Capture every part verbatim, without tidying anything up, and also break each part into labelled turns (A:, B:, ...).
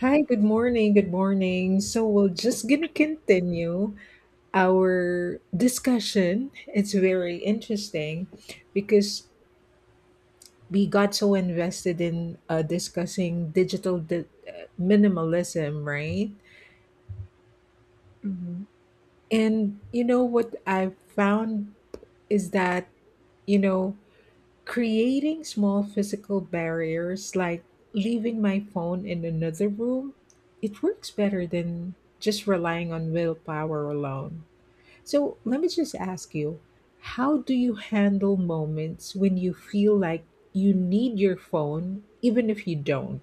A: Hi, good morning. Good morning. So we're just gonna continue our discussion. It's very interesting because we got so invested in uh, discussing digital di- uh, minimalism, right?
B: Mhm.
A: And you know what I found is that you know creating small physical barriers like leaving my phone in another room, it works better than just relying on willpower alone. So let me just ask you, how do you handle moments when you feel like you need your phone, even if you don't?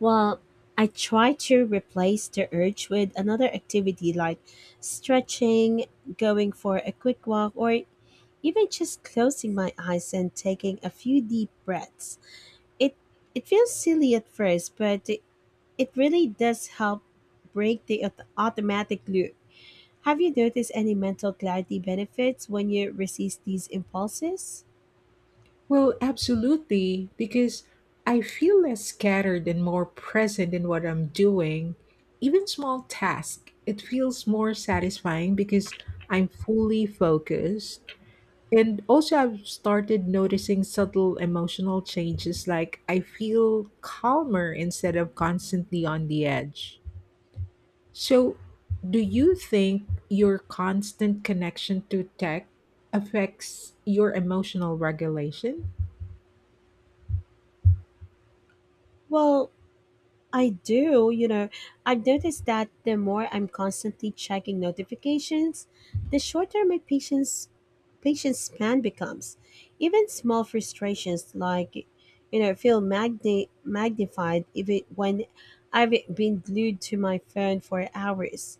B: Well, I try to replace the urge with another activity like stretching, going for a quick walk, or even just closing my eyes and taking a few deep breaths. It it feels silly at first, but it, it really does help break the aut- automatic loop. Have you noticed any mental clarity benefits when you resist these impulses?
A: Well, absolutely, because I feel less scattered and more present in what I'm doing. Even small tasks, it feels more satisfying because I'm fully focused. And also, I've started noticing subtle emotional changes, like I feel calmer instead of constantly on the edge. So, do you think your constant connection to tech affects your emotional regulation?
B: Well, I do, you know, I've noticed that the more I'm constantly checking notifications, the shorter my patience patience span becomes. Even small frustrations like you know feel magni- magnified even when I've been glued to my phone for hours.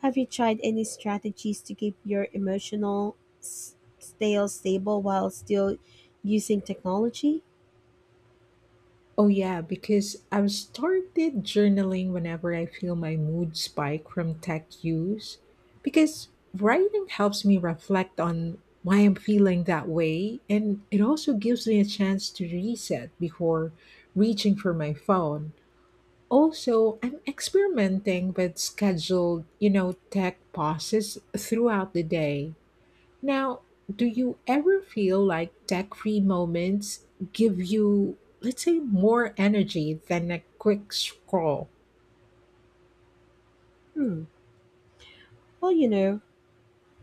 B: Have you tried any strategies to keep your emotional s- stale stable while still using technology?
A: Oh, yeah, because I've started journaling whenever I feel my mood spike from tech use. Because writing helps me reflect on why I'm feeling that way, and it also gives me a chance to reset before reaching for my phone. Also, I'm experimenting with scheduled, you know, tech pauses throughout the day now. Do you ever feel like tech free moments give you, let's say, more energy than a quick scroll?
B: Hmm. Well, you know,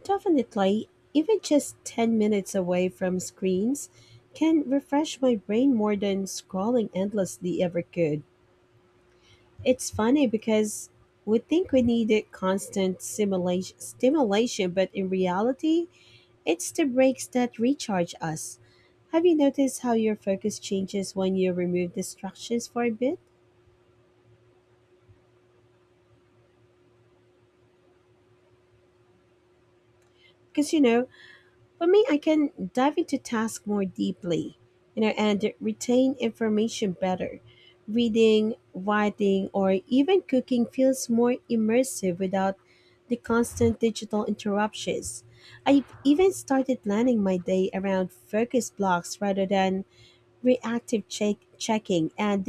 B: definitely, even just ten minutes away from screens can refresh my brain more than scrolling endlessly ever could. It's funny because we think we needed constant simulation, stimulation, but in reality, it's the breaks that recharge us. Have you noticed how your focus changes when you remove distractions for a bit? Because you know, for me, I can dive into tasks more deeply, you know, and retain information better. Reading, writing, or even cooking feels more immersive without the constant digital interruptions. I've even started planning my day around focus blocks rather than reactive check- checking, and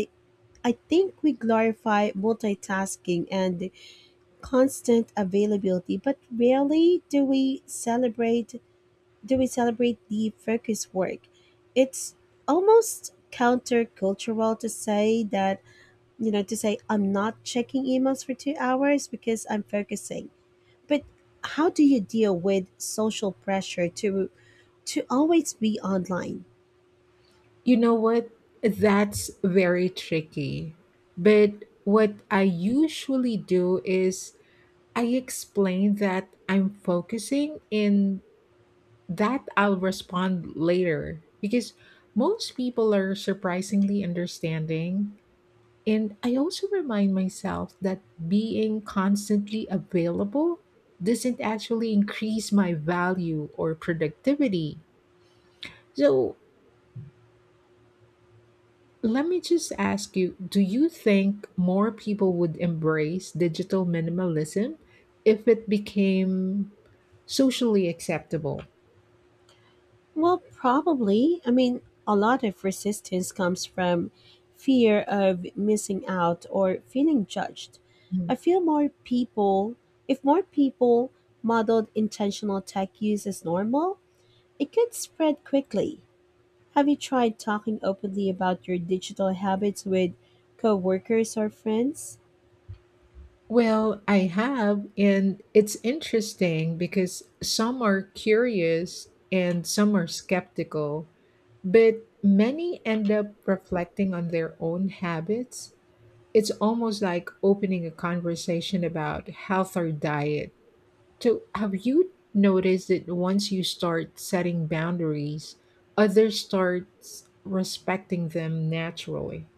B: I think we glorify multitasking and constant availability, but rarely do we celebrate do we celebrate the focus work? It's almost countercultural to say that, you know, to say I'm not checking emails for two hours because I'm focusing. But how do you deal with social pressure to to always be online?
A: You know what? That's very tricky. But what I usually do is I explain that I'm focusing and that I'll respond later, because most people are surprisingly understanding. And I also remind myself that being constantly available doesn't actually increase my value or productivity. So, let me just ask you, do you think more people would embrace digital minimalism if it became socially acceptable?
B: Well, probably. I mean, a lot of resistance comes from fear of missing out or feeling judged.
A: Mm.
B: I feel more people, if more people modeled intentional tech use as normal, it could spread quickly. Have you tried talking openly about your digital habits with coworkers or friends?
A: Well, I have, and it's interesting because some are curious and some are skeptical, but many end up reflecting on their own habits. It's almost like opening a conversation about health or diet. So, have you noticed that once you start setting boundaries, others start respecting them naturally?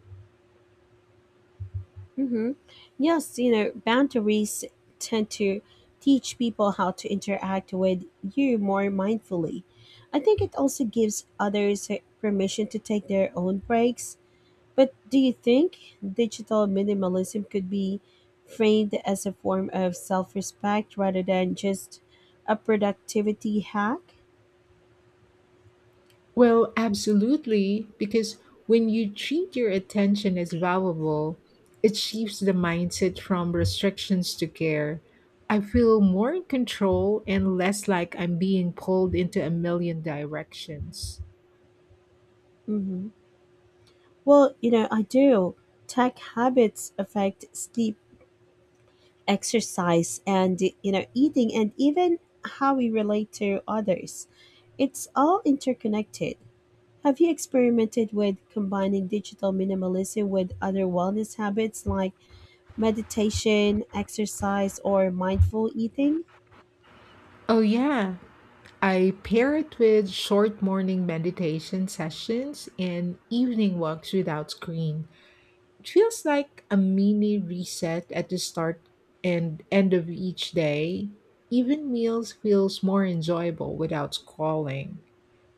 B: hmm Yes, you know, boundaries tend to teach people how to interact with you more mindfully. I think it also gives others permission to take their own breaks. But do you think digital minimalism could be framed as a form of self respect rather than just a productivity hack?
A: Well, absolutely, because when you treat your attention as valuable, it shifts the mindset from restrictions to care. I feel more in control and less like I'm being pulled into a million directions.
B: hmm Well, you know, I do. Tech habits affect sleep, exercise, and, you know, eating, and even how we relate to others. It's all interconnected. Have you experimented with combining digital minimalism with other wellness habits like meditation, exercise, or mindful eating?
A: Oh, yeah. I pair it with short morning meditation sessions and evening walks without screens. It feels like a mini reset at the start and end of each day. Even meals feels more enjoyable without scrolling.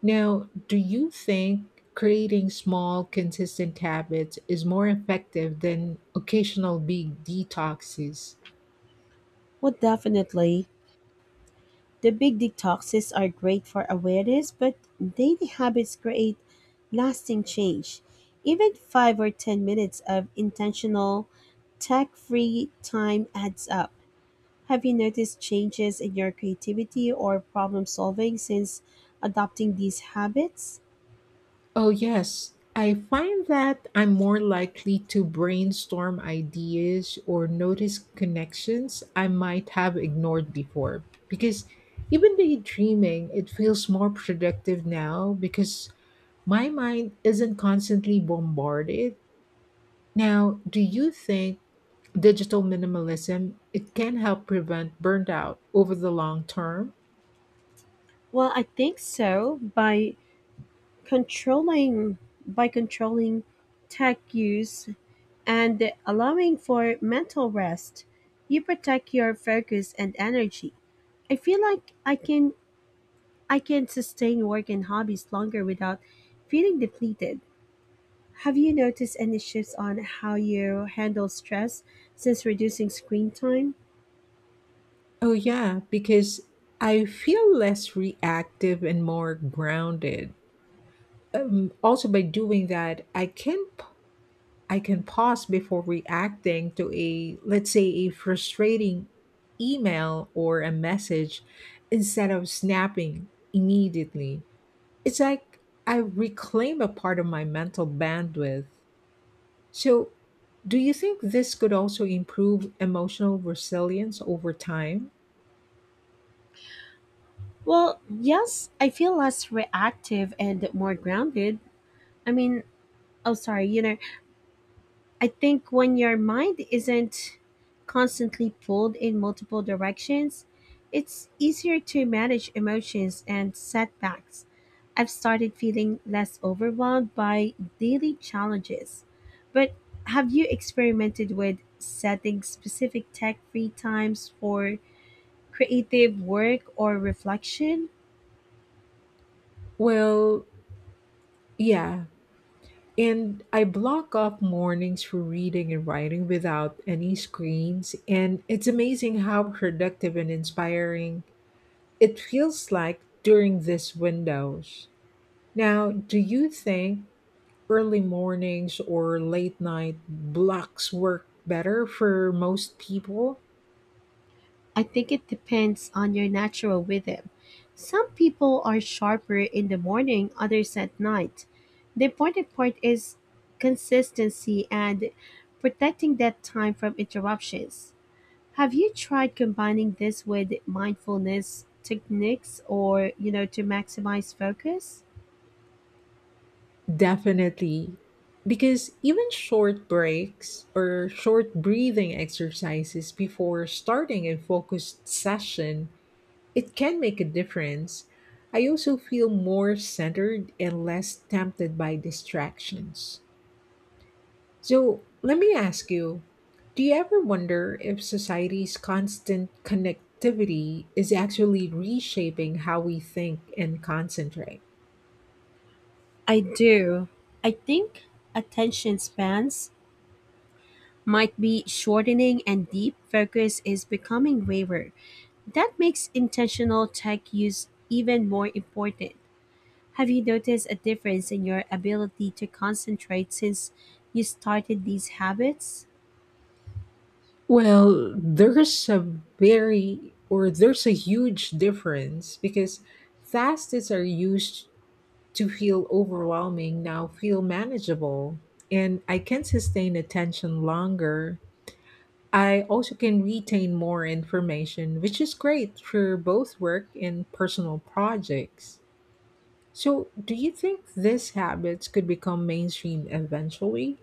A: Now, do you think creating small, consistent habits is more effective than occasional big detoxes?
B: Well, definitely. The big detoxes are great for awareness, but daily habits create lasting change. Even five or ten minutes of intentional tech free time adds up. Have you noticed changes in your creativity or problem solving since adopting these habits?
A: Oh, yes. I find that I'm more likely to brainstorm ideas or notice connections I might have ignored before. Because even daydreaming, it feels more productive now because my mind isn't constantly bombarded. Now, do you think digital minimalism it can help prevent burnout over the long term?
B: Well, I think so. By controlling by controlling tech use, and allowing for mental rest. You protect your focus and energy. I feel like I can I can sustain work and hobbies longer without feeling depleted. Have you noticed any shifts on how you handle stress since reducing screen time?
A: Oh yeah, because I feel less reactive and more grounded. Um, also, by doing that I can p- I can pause before reacting to, a let's say a frustrating email or a message, instead of snapping immediately. It's like I reclaim a part of my mental bandwidth. So, do you think this could also improve emotional resilience over time?
B: Well, yes, I feel less reactive and more grounded. I mean, oh sorry, you know, I think when your mind isn't constantly pulled in multiple directions, it's easier to manage emotions and setbacks. I've started feeling less overwhelmed by daily challenges. But have you experimented with setting specific tech free times for creative work or reflection?
A: Well, yeah. And I block off mornings for reading and writing without any screens. And it's amazing how productive and inspiring it feels like during these windows. Now, do you think early mornings or late night blocks work better for most people?
B: I think it depends on your natural rhythm. Some people are sharper in the morning, others at night. The important part is consistency and protecting that time from interruptions. Have you tried combining this with mindfulness techniques or, you know, to maximize focus?
A: Definitely. Because even short breaks or short breathing exercises before starting a focused session, it can make a difference. I also feel more centered and less tempted by distractions. So, let me ask you, do you ever wonder if society's constant connectivity is actually reshaping how we think and concentrate?
B: I do. I think attention spans might be shortening and deep focus is becoming rarer. That makes intentional tech use even more important. Have you noticed a difference in your ability to concentrate since you started these habits?
A: Well, there's a very, or there's a huge difference, because fast is are used to feel overwhelming now feel manageable, and I can sustain attention longer. I also can retain more information, which is great for both work and personal projects. So, do you think these habits could become mainstream eventually?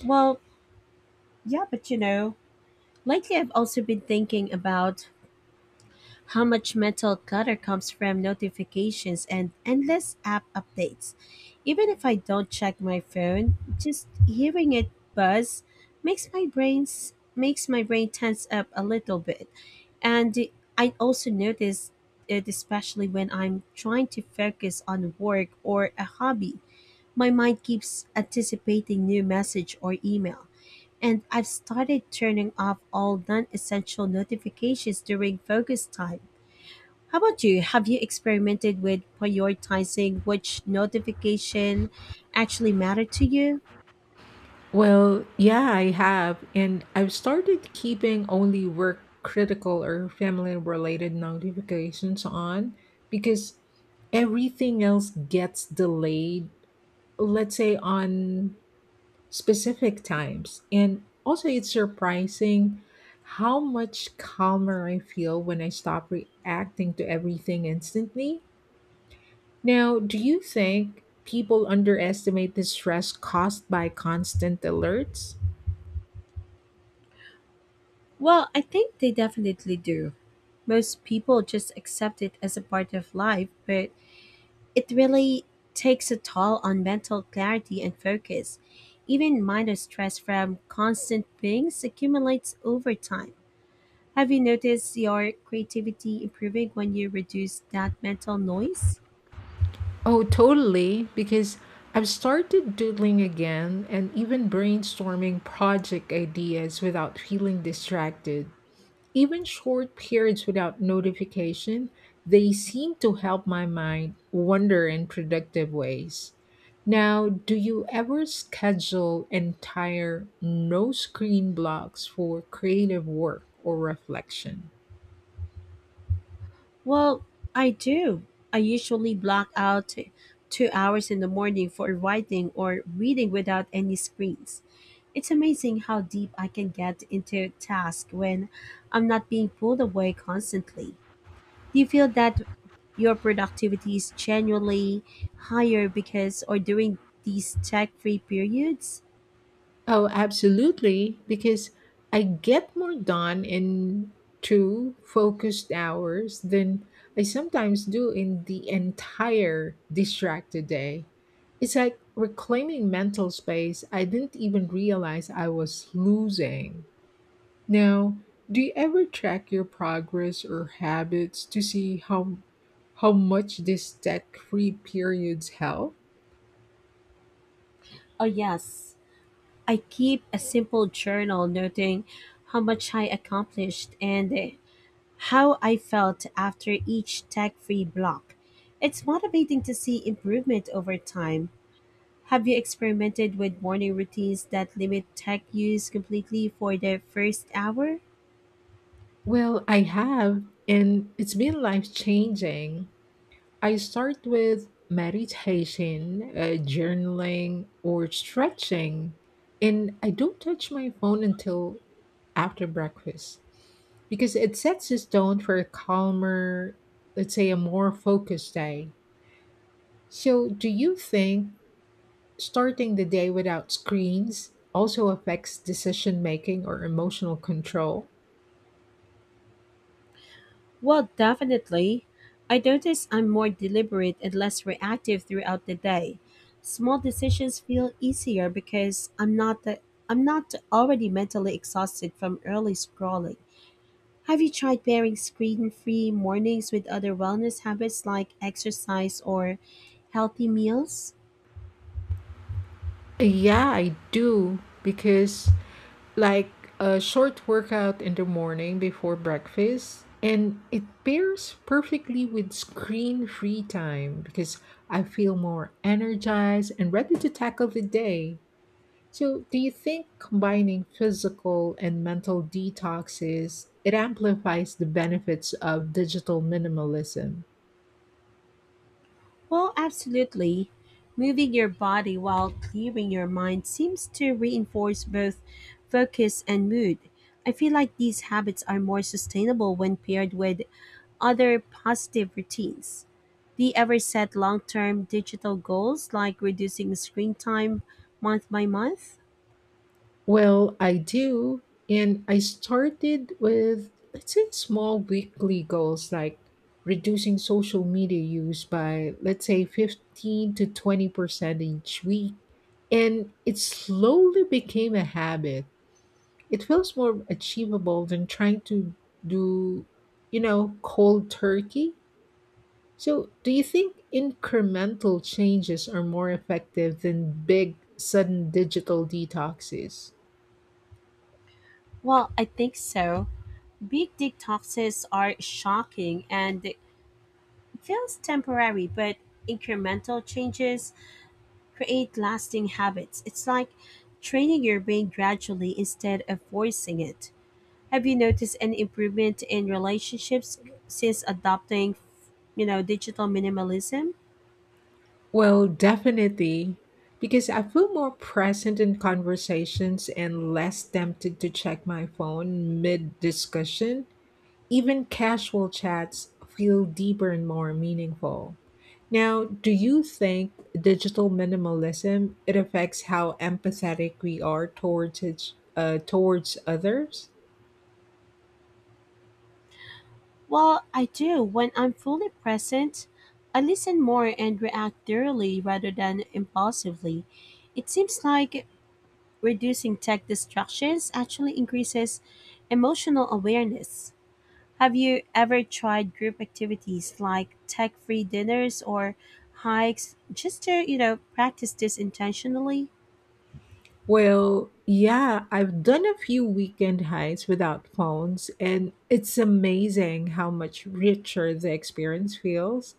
B: Well, yeah, but you know, lately I've also been thinking about how much mental clutter comes from notifications and endless app updates. Even if I don't check my phone, just hearing it buzz makes my brains makes my brain tense up a little bit. And I also notice it especially when I'm trying to focus on work or a hobby. My mind keeps anticipating new message or email. And I've started turning off all non essential notifications during focus time. How about you? Have you experimented with prioritizing which notification actually matter to you?
A: Well, yeah, I have. And I've started keeping only work critical or family related notifications on, because everything else gets delayed, let's say, on specific times. And also it's surprising how much calmer I feel when I stop reacting to everything instantly. Now, do you think people underestimate the stress caused by constant alerts?
B: Well, I think they definitely do. Most people just accept it as a part of life, but it really takes a toll on mental clarity and focus. Even minor stress from constant pings accumulates over time. Have you noticed your creativity improving when you reduce that mental noise?
A: Oh, totally, because I've started doodling again and even brainstorming project ideas without feeling distracted. Even short periods without notification, they seem to help my mind wander in productive ways. Now, do you ever schedule entire no screen blocks for creative work or reflection?
B: Well, I do. I usually block out t- two hours in the morning for writing or reading without any screens. It's amazing how deep I can get into a task when I'm not being pulled away constantly. Do you feel that your productivity is genuinely higher because or during these tech-free periods?
A: Oh, absolutely, because I get more done in two focused hours than I sometimes do in the entire distracted day. It's like reclaiming mental space I didn't even realize I was losing. Now, do you ever track your progress or habits to see how how much these tech-free periods help?
B: Oh yes, I keep a simple journal noting how much I accomplished and eh, how I felt after each tech free block. It's motivating to see improvement over time. Have you experimented with morning routines that limit tech use completely for the first hour?
A: Well, I have, and it's been life-changing. I start with meditation, uh, journaling, or stretching, and I don't touch my phone until after breakfast, because it sets the tone for a calmer, let's say, a more focused day. So, do you think starting the day without screens also affects decision making or emotional control?
B: Well, definitely. I notice I'm more deliberate and less reactive throughout the day. Small decisions feel easier because I'm not the, I'm not already mentally exhausted from early scrolling. Have you tried pairing screen free mornings with other wellness habits like exercise or healthy meals?
A: Yeah, I do, because like a short workout in the morning before breakfast and it pairs perfectly with screen free time, because I feel more energized and ready to tackle the day. So, do you think combining physical and mental detoxes it amplifies the benefits of digital minimalism?
B: Well, absolutely. Moving your body while clearing your mind seems to reinforce both focus and mood. I feel like these habits are more sustainable when paired with other positive routines. Do you ever set long term digital goals like reducing screen time month by month?
A: Well, I do, and I started with, let's say, small weekly goals like reducing social media use by, let's say, fifteen to twenty percent each week, and it slowly became a habit. It feels more achievable than trying to do, you know, cold turkey. So, do you think incremental changes are more effective than big, sudden digital detoxes?
B: Well, I think so. Big detoxes are shocking and feels temporary, but incremental changes create lasting habits. It's like training your brain gradually instead of forcing it. Have you noticed an improvement in relationships since adopting, you know, digital minimalism?
A: Well, definitely, because I feel more present in conversations and less tempted to check my phone mid discussion. Even casual chats feel deeper and more meaningful. Now, do you think digital minimalism it affects how empathetic we are towards each, uh, towards others?
B: Well, I do. When I'm fully present, I listen more and react thoroughly rather than impulsively. It seems like reducing tech distractions actually increases emotional awareness. Have you ever tried group activities like tech-free dinners or hikes just to, you know, practice this intentionally?
A: Well, yeah, I've done a few weekend hikes without phones, and it's amazing how much richer the experience feels.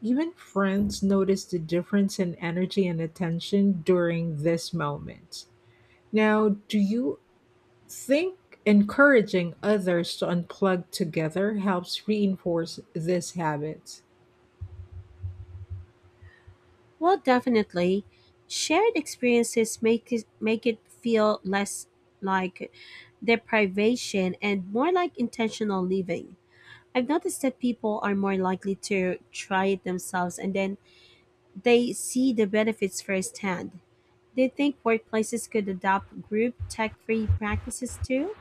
A: Even friends notice the difference in energy and attention during this moment. Now, do you think encouraging others to unplug together helps reinforce this habit?
B: Well, definitely. Shared experiences make it, make it feel less like deprivation and more like intentional living. I've noticed that people are more likely to try it themselves and then they see the benefits firsthand. Do you think workplaces could adopt group tech free practices too?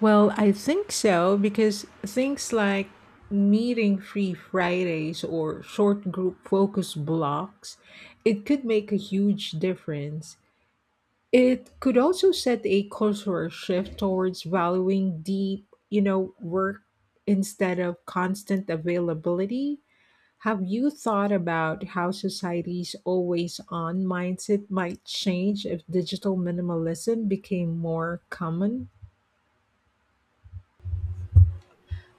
A: Well, I think so, because things like meeting free Fridays or short group focus blocks, it could make a huge difference. It could also set a cultural shift towards valuing deep, you know, work instead of constant availability. Have you thought about how society's always on mindset might change if digital minimalism became more common?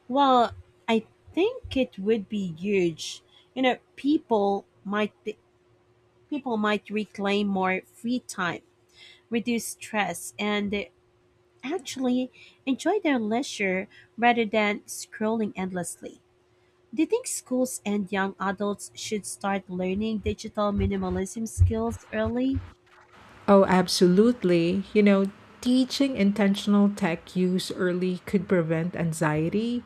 B: Well, I think it would be huge. You know, people might be, people might reclaim more free time, reduce stress, and actually enjoy their leisure rather than scrolling endlessly. Do you think schools and young adults should start learning digital minimalism skills early?
A: Oh, absolutely. You know, teaching intentional tech use early could prevent anxiety,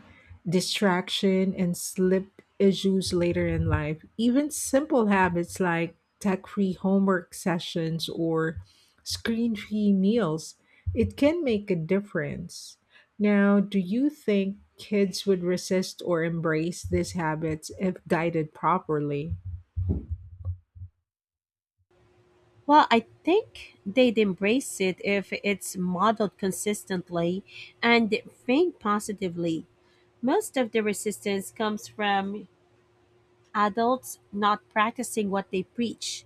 A: distraction, and sleep issues later in life. Even simple habits like tech free homework sessions or screen free meals, it can make a difference. Now, do you think kids would resist or embrace these habits if guided properly?
B: Well, I think they'd embrace it if it's modeled consistently and framed positively. Most of the resistance comes from adults not practicing what they preach.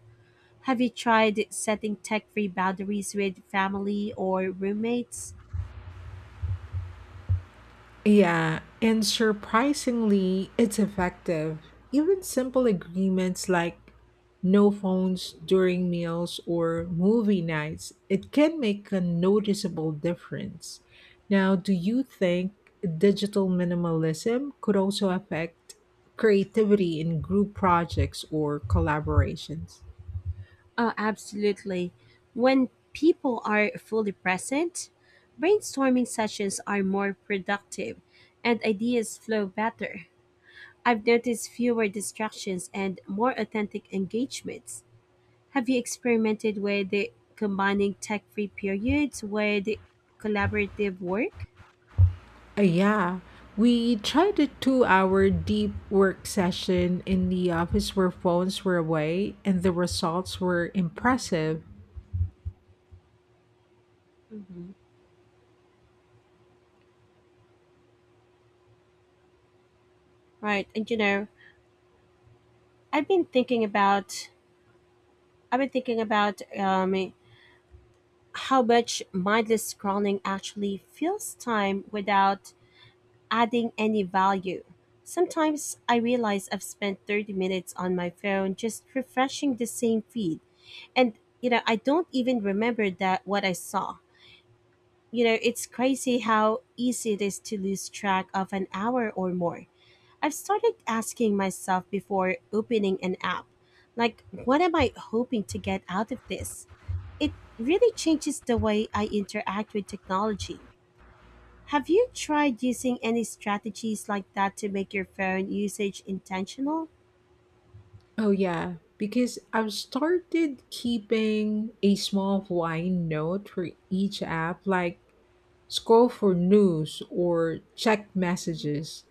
B: Have you tried setting tech free boundaries with family or roommates?
A: Yeah, and surprisingly, it's effective. Even simple agreements like no phones during meals or movie nights, it can make a noticeable difference. Now, do you think digital minimalism could also affect creativity in group projects or collaborations?
B: Oh, absolutely. When people are fully present, brainstorming sessions are more productive and ideas flow better. I've noticed fewer distractions and more authentic engagements. Have you experimented with the- combining tech free periods with collaborative work?
A: Uh, yeah, we tried a two hour deep work session in the office where phones were away, and the results were impressive.
B: hmm Right, and you know, I've been thinking about, I've been thinking about um, how much mindless scrolling actually fills time without adding any value. Sometimes I realize I've spent thirty minutes on my phone just refreshing the same feed. And, you know, I don't even remember that what I saw. You know, it's crazy how easy it is to lose track of an hour or more. I've started asking myself before opening an app, like, what am I hoping to get out of this? It really changes the way I interact with technology. Have you tried using any strategies like that to make your phone usage intentional?
A: Oh, yeah, because I've started keeping a small wine note for each app, like scroll for news or check messages.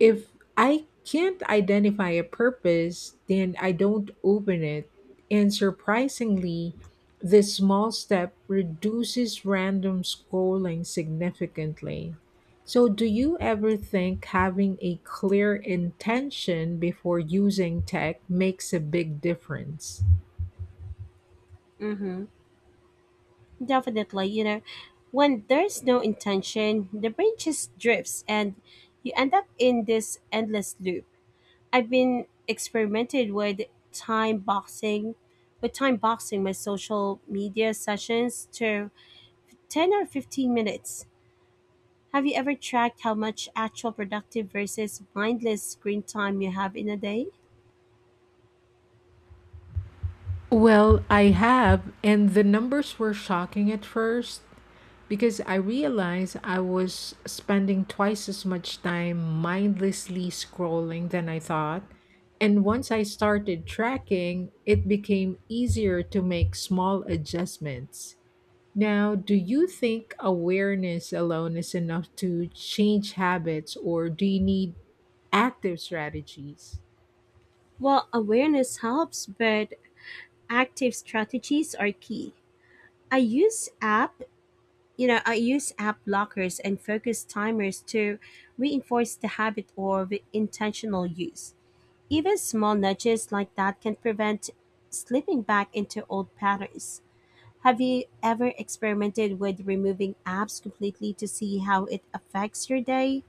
A: If I can't identify a purpose, then I don't open it. And surprisingly, this small step reduces random scrolling significantly. So, do you ever think having a clear intention before using tech makes a big difference?
B: Mm-hmm. Definitely. You know, when there's no intention, the brain just drifts and you end up in this endless loop. I've been experimented with time boxing with time boxing my social media sessions to ten or fifteen minutes. Have you ever tracked how much actual productive versus mindless screen time you have in a day?
A: Well, I have, and the numbers were shocking at first, because I realized I was spending twice as much time mindlessly scrolling than I thought. And once I started tracking, it became easier to make small adjustments. Now, do you think awareness alone is enough to change habits, or do you need active strategies?
B: Well, awareness helps, but active strategies are key. I use app, you know, I use app blockers and focus timers to reinforce the habit of intentional use. Even small nudges like that can prevent slipping back into old patterns. Have you ever experimented with removing apps completely to see how it affects your day?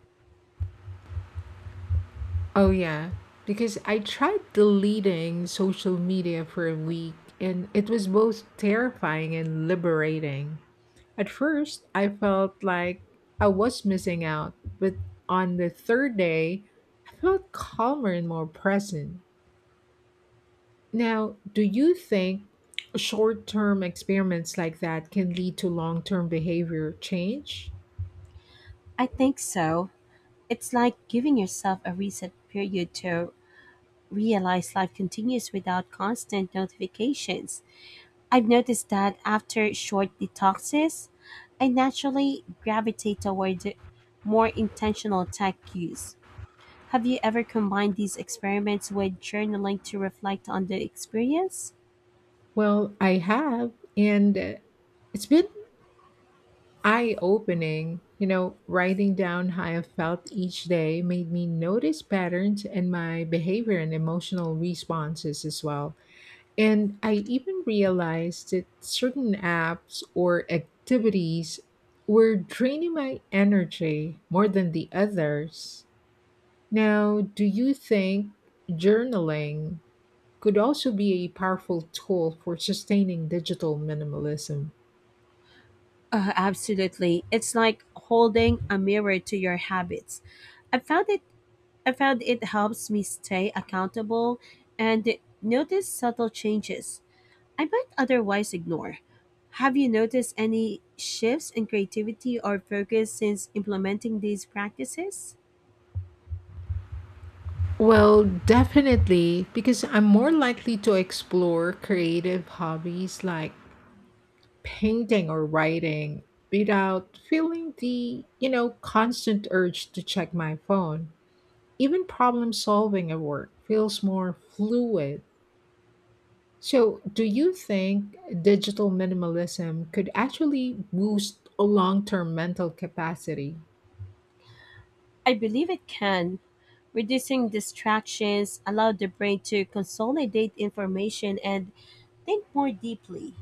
A: Oh, yeah. Because I tried deleting social media for a week and it was both terrifying and liberating. At first, I felt like I was missing out, but on the third day, I felt calmer and more present. Now, do you think short term experiments like that can lead to long term behavior change?
B: I think so. It's like giving yourself a reset period to realize life continues without constant notifications. I've noticed that after short detoxes, I naturally gravitate toward more intentional tech use. Have you ever combined these experiments with journaling to reflect on the experience?
A: Well, I have, and uh, it's been eye opening. You know, writing down how I felt each day made me notice patterns in my behavior and emotional responses as well. And I even realized that certain apps or activities were draining my energy more than the others. Now, do you think journaling could also be a powerful tool for sustaining digital minimalism?
B: Uh, absolutely. It's like holding a mirror to your habits. I found it I found it helps me stay accountable and notice subtle changes. I might otherwise ignore. Have you noticed any shifts in creativity or focus since implementing these practices?
A: Well, definitely, because I'm more likely to explore creative hobbies like painting or writing without feeling the, you know, constant urge to check my phone. Even problem solving at work feels more fluid. So, do you think digital minimalism could actually boost long term mental capacity?
B: I believe it can. Reducing distractions allow the brain to consolidate information and think more deeply.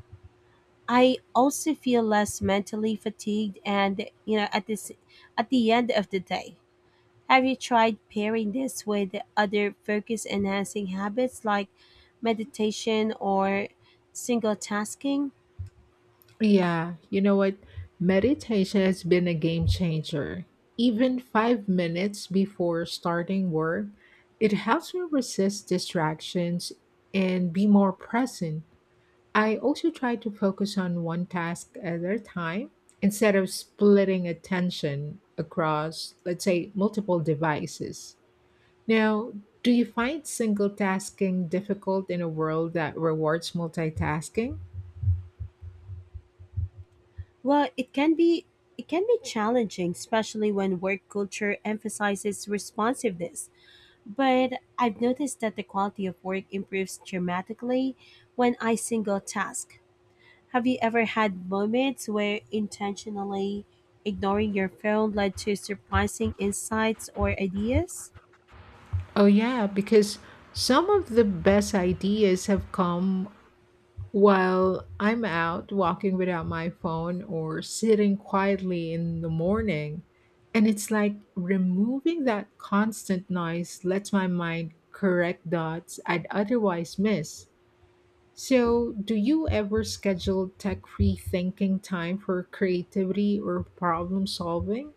B: I also feel less mentally fatigued and you know at this at the end of the day. Have you tried pairing this with other focus enhancing habits like meditation or single tasking?
A: Yeah, you know what? Meditation has been a game changer. Even five minutes before starting work, it helps me resist distractions and be more present. I also try to focus on one task at a time instead of splitting attention across, let's say, multiple devices. Now, do you find single tasking difficult in a world that rewards multitasking?
B: Well, it can be it can be challenging, especially when work culture emphasizes responsiveness. But I've noticed that the quality of work improves dramatically when I single task. Have you ever had moments where intentionally ignoring your phone led to surprising insights or ideas?
A: Oh, yeah, because some of the best ideas have come while I'm out walking without my phone or sitting quietly in the morning. And it's like removing that constant noise lets my mind correct dots I'd otherwise miss. So, do you ever schedule tech free thinking time for creativity or problem solving?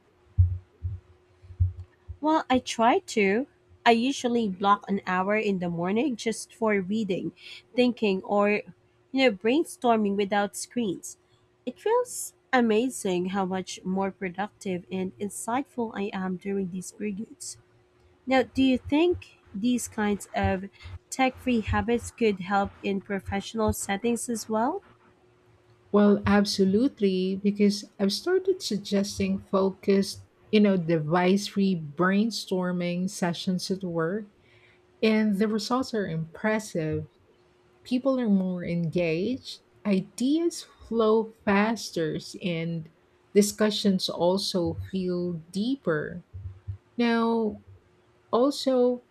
B: Well, I try to. I usually block an hour in the morning just for reading, thinking, or you know, brainstorming without screens. It feels amazing how much more productive and insightful I am during these periods. Now, do you think these kinds of tech-free habits could help in professional settings as well?
A: Well, absolutely, because I've started suggesting focused, you know, device free brainstorming sessions at work, and the results are impressive. People are more engaged, ideas flow faster, and discussions also feel deeper. Now, also,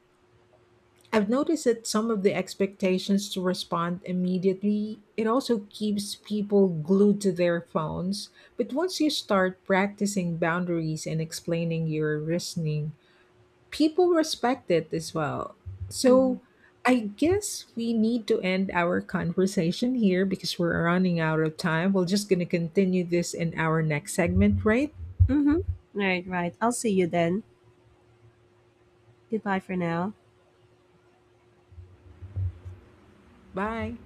A: I've noticed that some of the expectations to respond immediately, it also keeps people glued to their phones. But once you start practicing boundaries and explaining your reasoning, people respect it as well.
B: Mm-hmm.
A: So I guess we need to end our conversation here because we're running out of time. We're just going to continue this in our next segment, right?
B: Mm-hmm. Right, right. I'll see you then. Goodbye for now.
A: Bye.